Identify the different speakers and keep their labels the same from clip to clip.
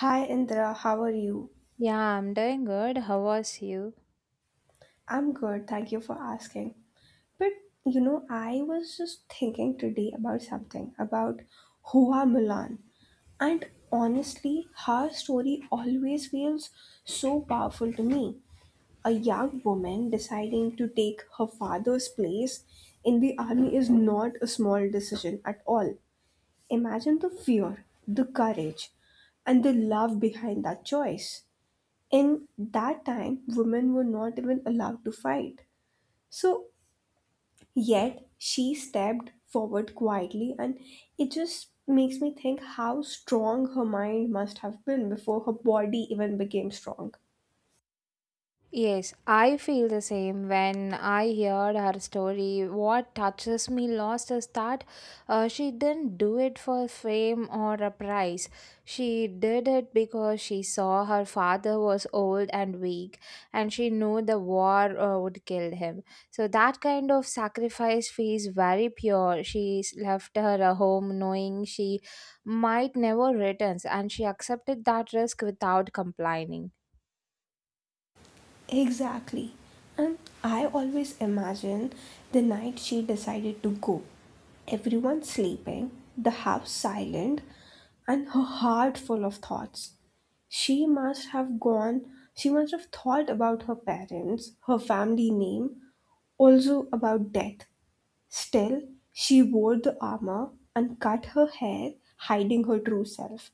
Speaker 1: Hi Indra, how are you?
Speaker 2: Yeah, I'm doing good. How was you?
Speaker 1: I'm good, thank you for asking. But you know, I was just thinking today about something about Hua Milan. And honestly, her story always feels so powerful to me. A young woman deciding to take her father's place in the army is not a small decision at all. Imagine the fear, the courage, and the love behind that choice. In that time, women were not even allowed to fight. So, yet she stepped forward quietly, and it just makes me think how strong her mind must have been before her body even became strong.
Speaker 2: Yes, I feel the same when I heard her story. What touches me lost is that she didn't do it for fame or a prize. She did it because she saw her father was old and weak, and she knew the war would kill him. So that kind of sacrifice feels very pure. She left her a home knowing she might never return, and she accepted that risk without complaining.
Speaker 1: Exactly. And I always imagine the night she decided to go. Everyone sleeping, the house silent, and her heart full of thoughts. She must have gone, she must have thought about her parents, her family name, also about death. Still, she wore the armor and cut her hair, hiding her true self.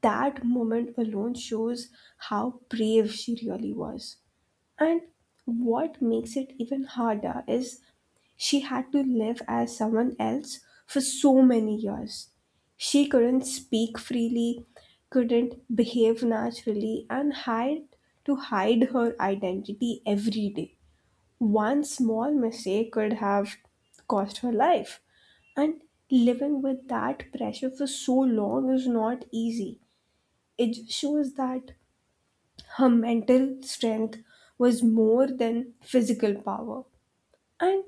Speaker 1: That moment alone shows how brave she really was. And what makes it even harder is she had to live as someone else for so many years. She couldn't speak freely, couldn't behave naturally, and had to hide her identity every day. One small mistake could have cost her life. And living with that pressure for so long is not easy. It just shows that her mental strength was more than physical power. And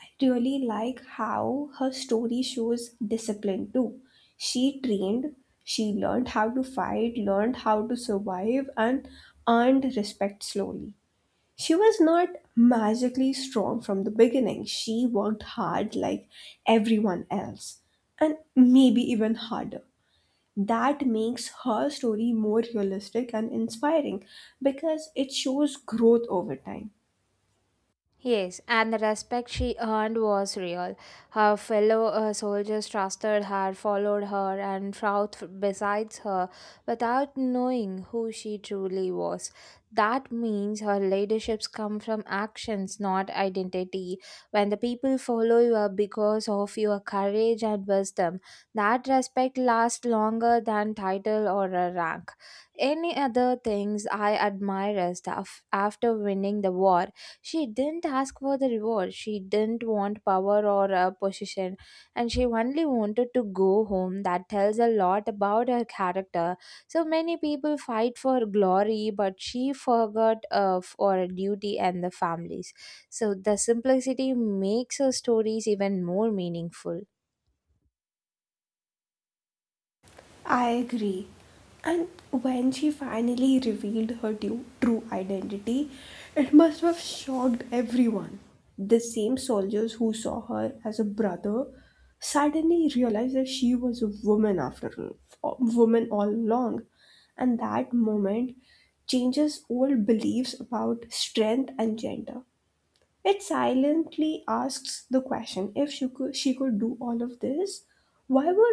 Speaker 1: I really like how her story shows discipline too. She trained, she learned how to fight, learned how to survive, and earned respect slowly. She was not magically strong from the beginning. She worked hard like everyone else, and maybe even harder that makes her story more realistic and inspiring because it shows growth over time.
Speaker 2: Yes, and the respect she earned was real. Her fellow soldiers trusted her, followed her, and fought besides her without knowing who she truly was. That means her leaderships come from actions, not identity. When the people follow you because of your courage and wisdom, that respect lasts longer than title or a rank. Any other things I admire is that after winning the war. She didn't ask for the reward. She didn't want power or a position, and she only wanted to go home. That tells a lot about her character. So many people fight for glory, but she forgot for duty and the families. So the simplicity makes her stories even more meaningful.
Speaker 1: I agree. And when she finally revealed her true identity, it must have shocked everyone. The same soldiers who saw her as a brother suddenly realized that she was a woman after all, woman all along. And that moment changes old beliefs about strength and gender. It silently asks the question if she could do all of this, why were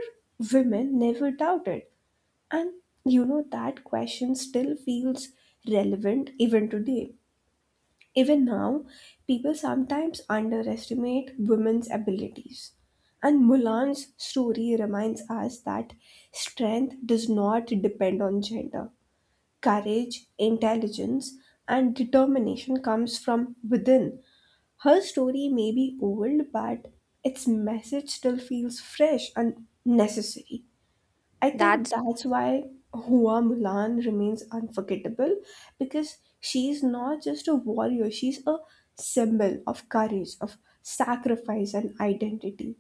Speaker 1: women never doubted? And you know, that question still feels relevant even today. Even now, people sometimes underestimate women's abilities. And Mulan's story reminds us that strength does not depend on gender. Courage, intelligence, and determination comes from within her story may be old, but its message still feels fresh and necessary. I think
Speaker 2: That's.
Speaker 1: that's why Hua Mulan remains unforgettable because she's not just a warrior, she's a symbol of courage, of sacrifice, and identity.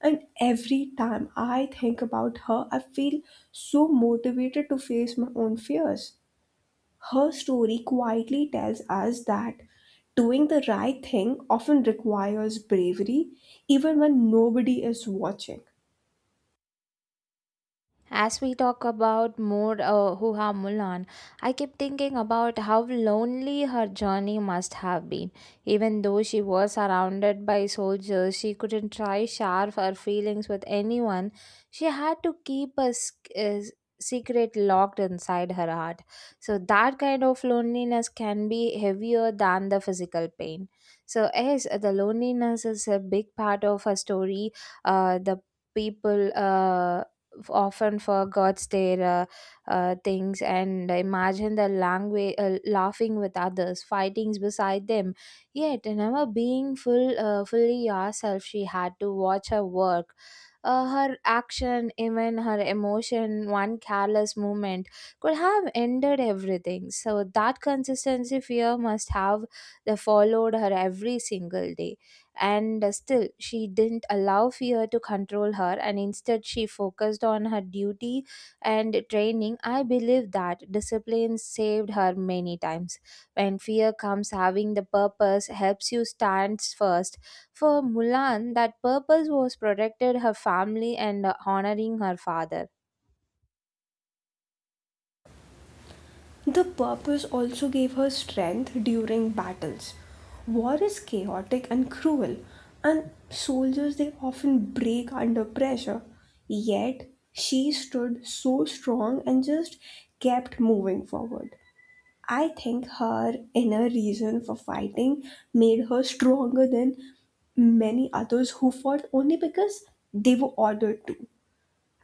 Speaker 1: And every time I think about her, I feel so motivated to face my own fears. Her story quietly tells us that doing the right thing often requires bravery, even when nobody is watching.
Speaker 2: As we talk about more Huha Mulan, I keep thinking about how lonely her journey must have been. Even though she was surrounded by soldiers, she couldn't try share her feelings with anyone. She had to keep a, a secret locked inside her heart. So that kind of loneliness can be heavier than the physical pain. So yes, the loneliness is a big part of her story. The people. Often forgets their things and imagine the language laughing with others fightings beside them yet never being fully yourself. She had to watch her work, her action, even her emotion. One careless moment could have ended everything. So that consistency fear must have that followed her every single day. And still, she didn't allow fear to control her, and instead, she focused on her duty and training. I believe that discipline saved her many times. When fear comes, having the purpose helps you stand first. For Mulan, that purpose was protected her family and honoring her father.
Speaker 1: The purpose also gave her strength during battles. War is chaotic and cruel, and soldiers they often break under pressure. Yet she stood so strong and just kept moving forward. I think her inner reason for fighting made her stronger than many others who fought only because they were ordered to.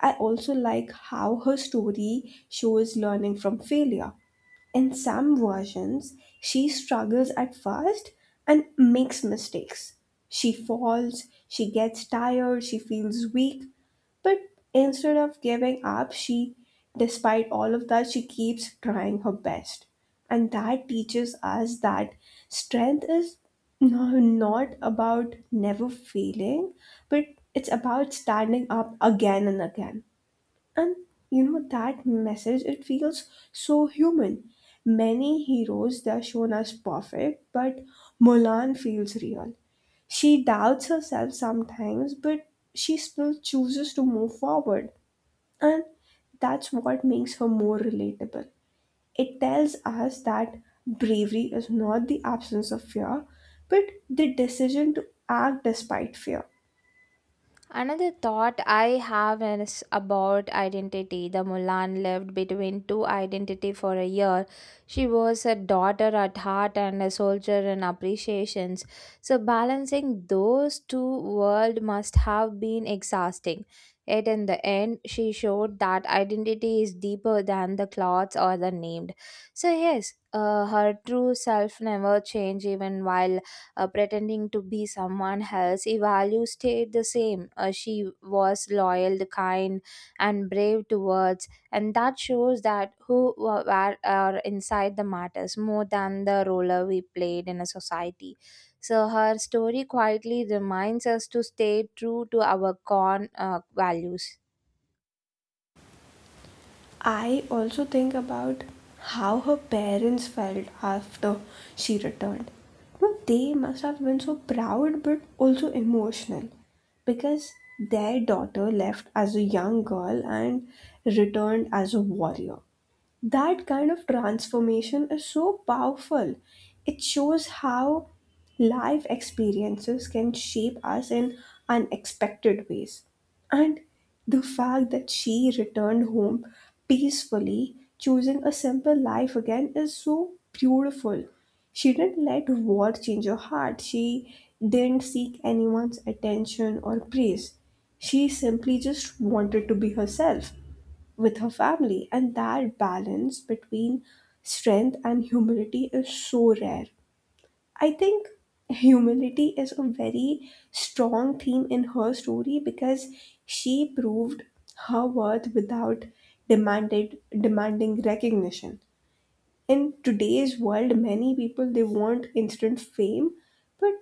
Speaker 1: I also like how her story shows learning from failure. In some versions, she struggles at first and makes mistakes. She falls, she gets tired, she feels weak, but instead of giving up, despite all of that, she keeps trying her best. And that teaches us that strength is not about never failing, but it's about standing up again and again, and you know that message, it feels so human. Many heroes, they're shown as perfect, but Mulan feels real. She doubts herself sometimes, but she still chooses to move forward, and that's what makes her more relatable. It tells us that bravery is not the absence of fear, but the decision to act despite fear.
Speaker 2: Another thought I have is about identity. The Mulan lived between two identity for a year. She was a daughter at heart and a soldier in appreciations. So balancing those two worlds must have been exhausting. Yet in the end, she showed that identity is deeper than the clothes or the named. So yes, her true self never changed even while pretending to be someone else. Her values stayed the same. She was loyal, kind, and brave towards, and that shows that who were are inside the matters more than the role we played in a society. So her story quietly reminds us to stay true to our core values.
Speaker 1: I also think about how her parents felt after she returned. Well, they must have been so proud but also emotional because their daughter left as a young girl and returned as a warrior. That kind of transformation is so powerful. It shows how life experiences can shape us in unexpected ways. And the fact that she returned home peacefully, choosing a simple life again, is so beautiful. She didn't let war change her heart. She didn't seek anyone's attention or praise. She simply just wanted to be herself with her family. And that balance between strength and humility is so rare. I think humility is a very strong theme in her story because she proved her worth without demanded demanding recognition. In today's world, many people they want instant fame, but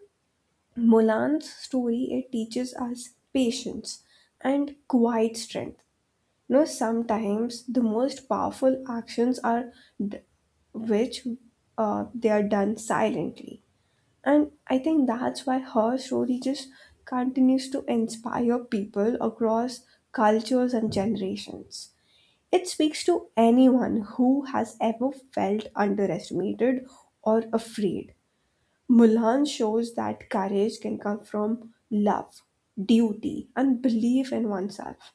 Speaker 1: Mulan's story it teaches us patience and quiet strength. No, sometimes the most powerful actions are d- which they are done silently. And I think that's why her story just continues to inspire people across cultures and generations. It speaks to anyone who has ever felt underestimated or afraid. Mulan shows that courage can come from love, duty, and belief in oneself.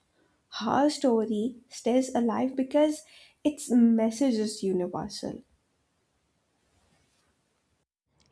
Speaker 1: Her story stays alive because its message is universal.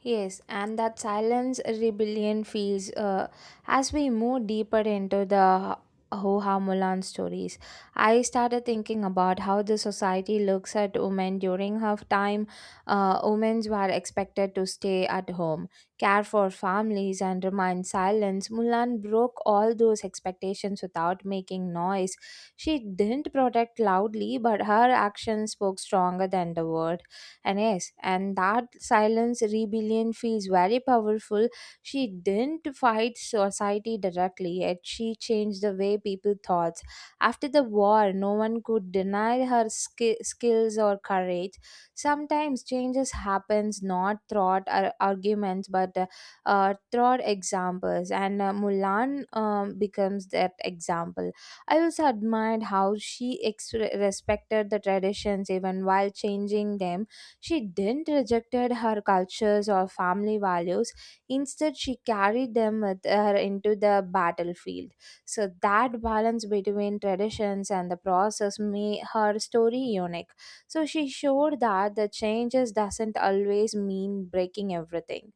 Speaker 2: Yes, and that silence rebellion feels as we move deeper into the Hoha Mulan stories. I started thinking about how the society looks at women during her time. Women were expected to stay at home, care for families, and remain silent. Mulan broke all those expectations without making noise. She didn't protest loudly, but her actions spoke stronger than the word. And yes, and that silence rebellion feels very powerful. She didn't fight society directly, yet she changed the way people thought. After the war, no one could deny her skills or courage. Sometimes changes happens not through arguments but through examples. And Mulan becomes that example. I also admired how she respected the traditions even while changing them. She didn't rejected her cultures or family values. Instead, she carried them with her into the battlefield. So that balance between traditions and the process made her story unique. So she showed that the changes doesn't always mean breaking everything.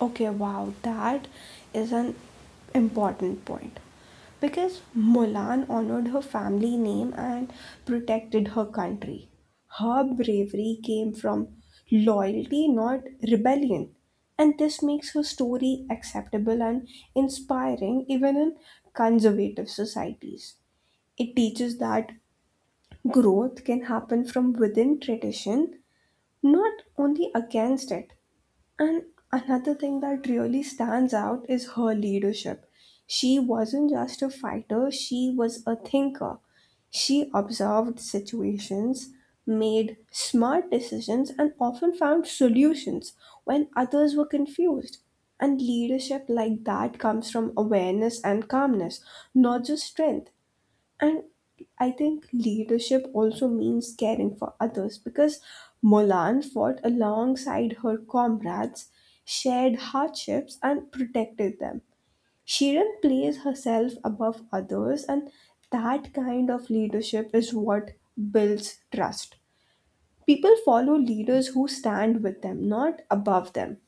Speaker 1: Okay, wow, that is an important point. Because Mulan honored her family name and protected her country. Her bravery came from loyalty, not rebellion. And this makes her story acceptable and inspiring even in conservative societies. It teaches that growth can happen from within tradition, not only against it. And another thing that really stands out is her leadership. She wasn't just a fighter, she was a thinker. She observed situations, made smart decisions, and often found solutions when others were confused. And leadership like that comes from awareness and calmness, not just strength. And I think leadership also means caring for others because Mulan fought alongside her comrades, shared hardships, and protected them. She didn't place herself above others, and that kind of leadership is what builds trust. People follow leaders who stand with them, not above them.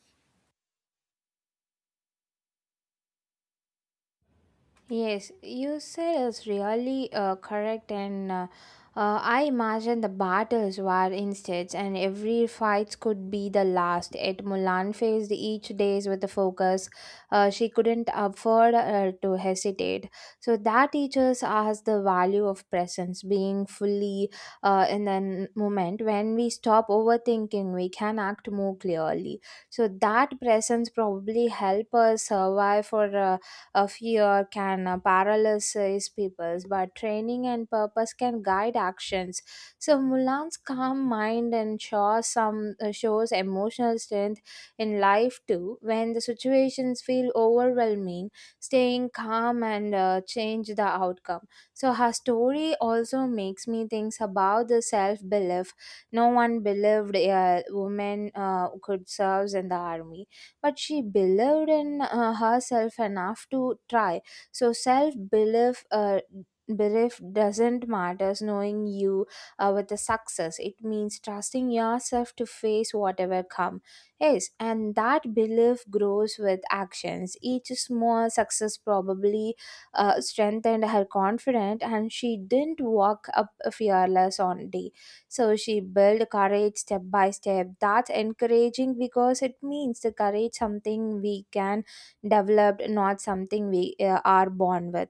Speaker 2: Yes, you said it's really correct, and I imagine the battles were instead, and every fight could be the last. Yet Mulan faced each days with the focus. She couldn't afford to hesitate. So that teaches us the value of presence, being fully in the moment. When we stop overthinking, we can act more clearly. So that presence probably help us survive for. Fear can paralyze people, but training and purpose can guide actions. So Mulan's calm mind and shows some shows emotional strength in life too. When the situations feel overwhelming, staying calm and change the outcome. So her story also makes me think about the self belief. No one believed a woman could serve in the army, but she believed in herself enough to try. So self belief, belief doesn't matter knowing you with the success. It means trusting yourself to face whatever come. Yes, and that belief grows with actions. Each small success probably strengthened her confidence, and she didn't walk up fearless on day. So she built courage step by step. That's encouraging because it means the courage something we can develop, not something we are born with.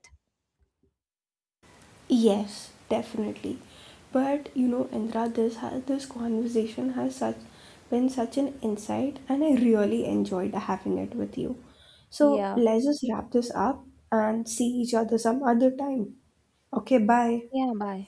Speaker 1: Yes, definitely. But you know, Indra, this conversation has such been such an insight, and I really enjoyed having it with you. So
Speaker 2: Yeah.
Speaker 1: let's just wrap this up and see each other some other time. Okay, bye.
Speaker 2: Yeah, bye.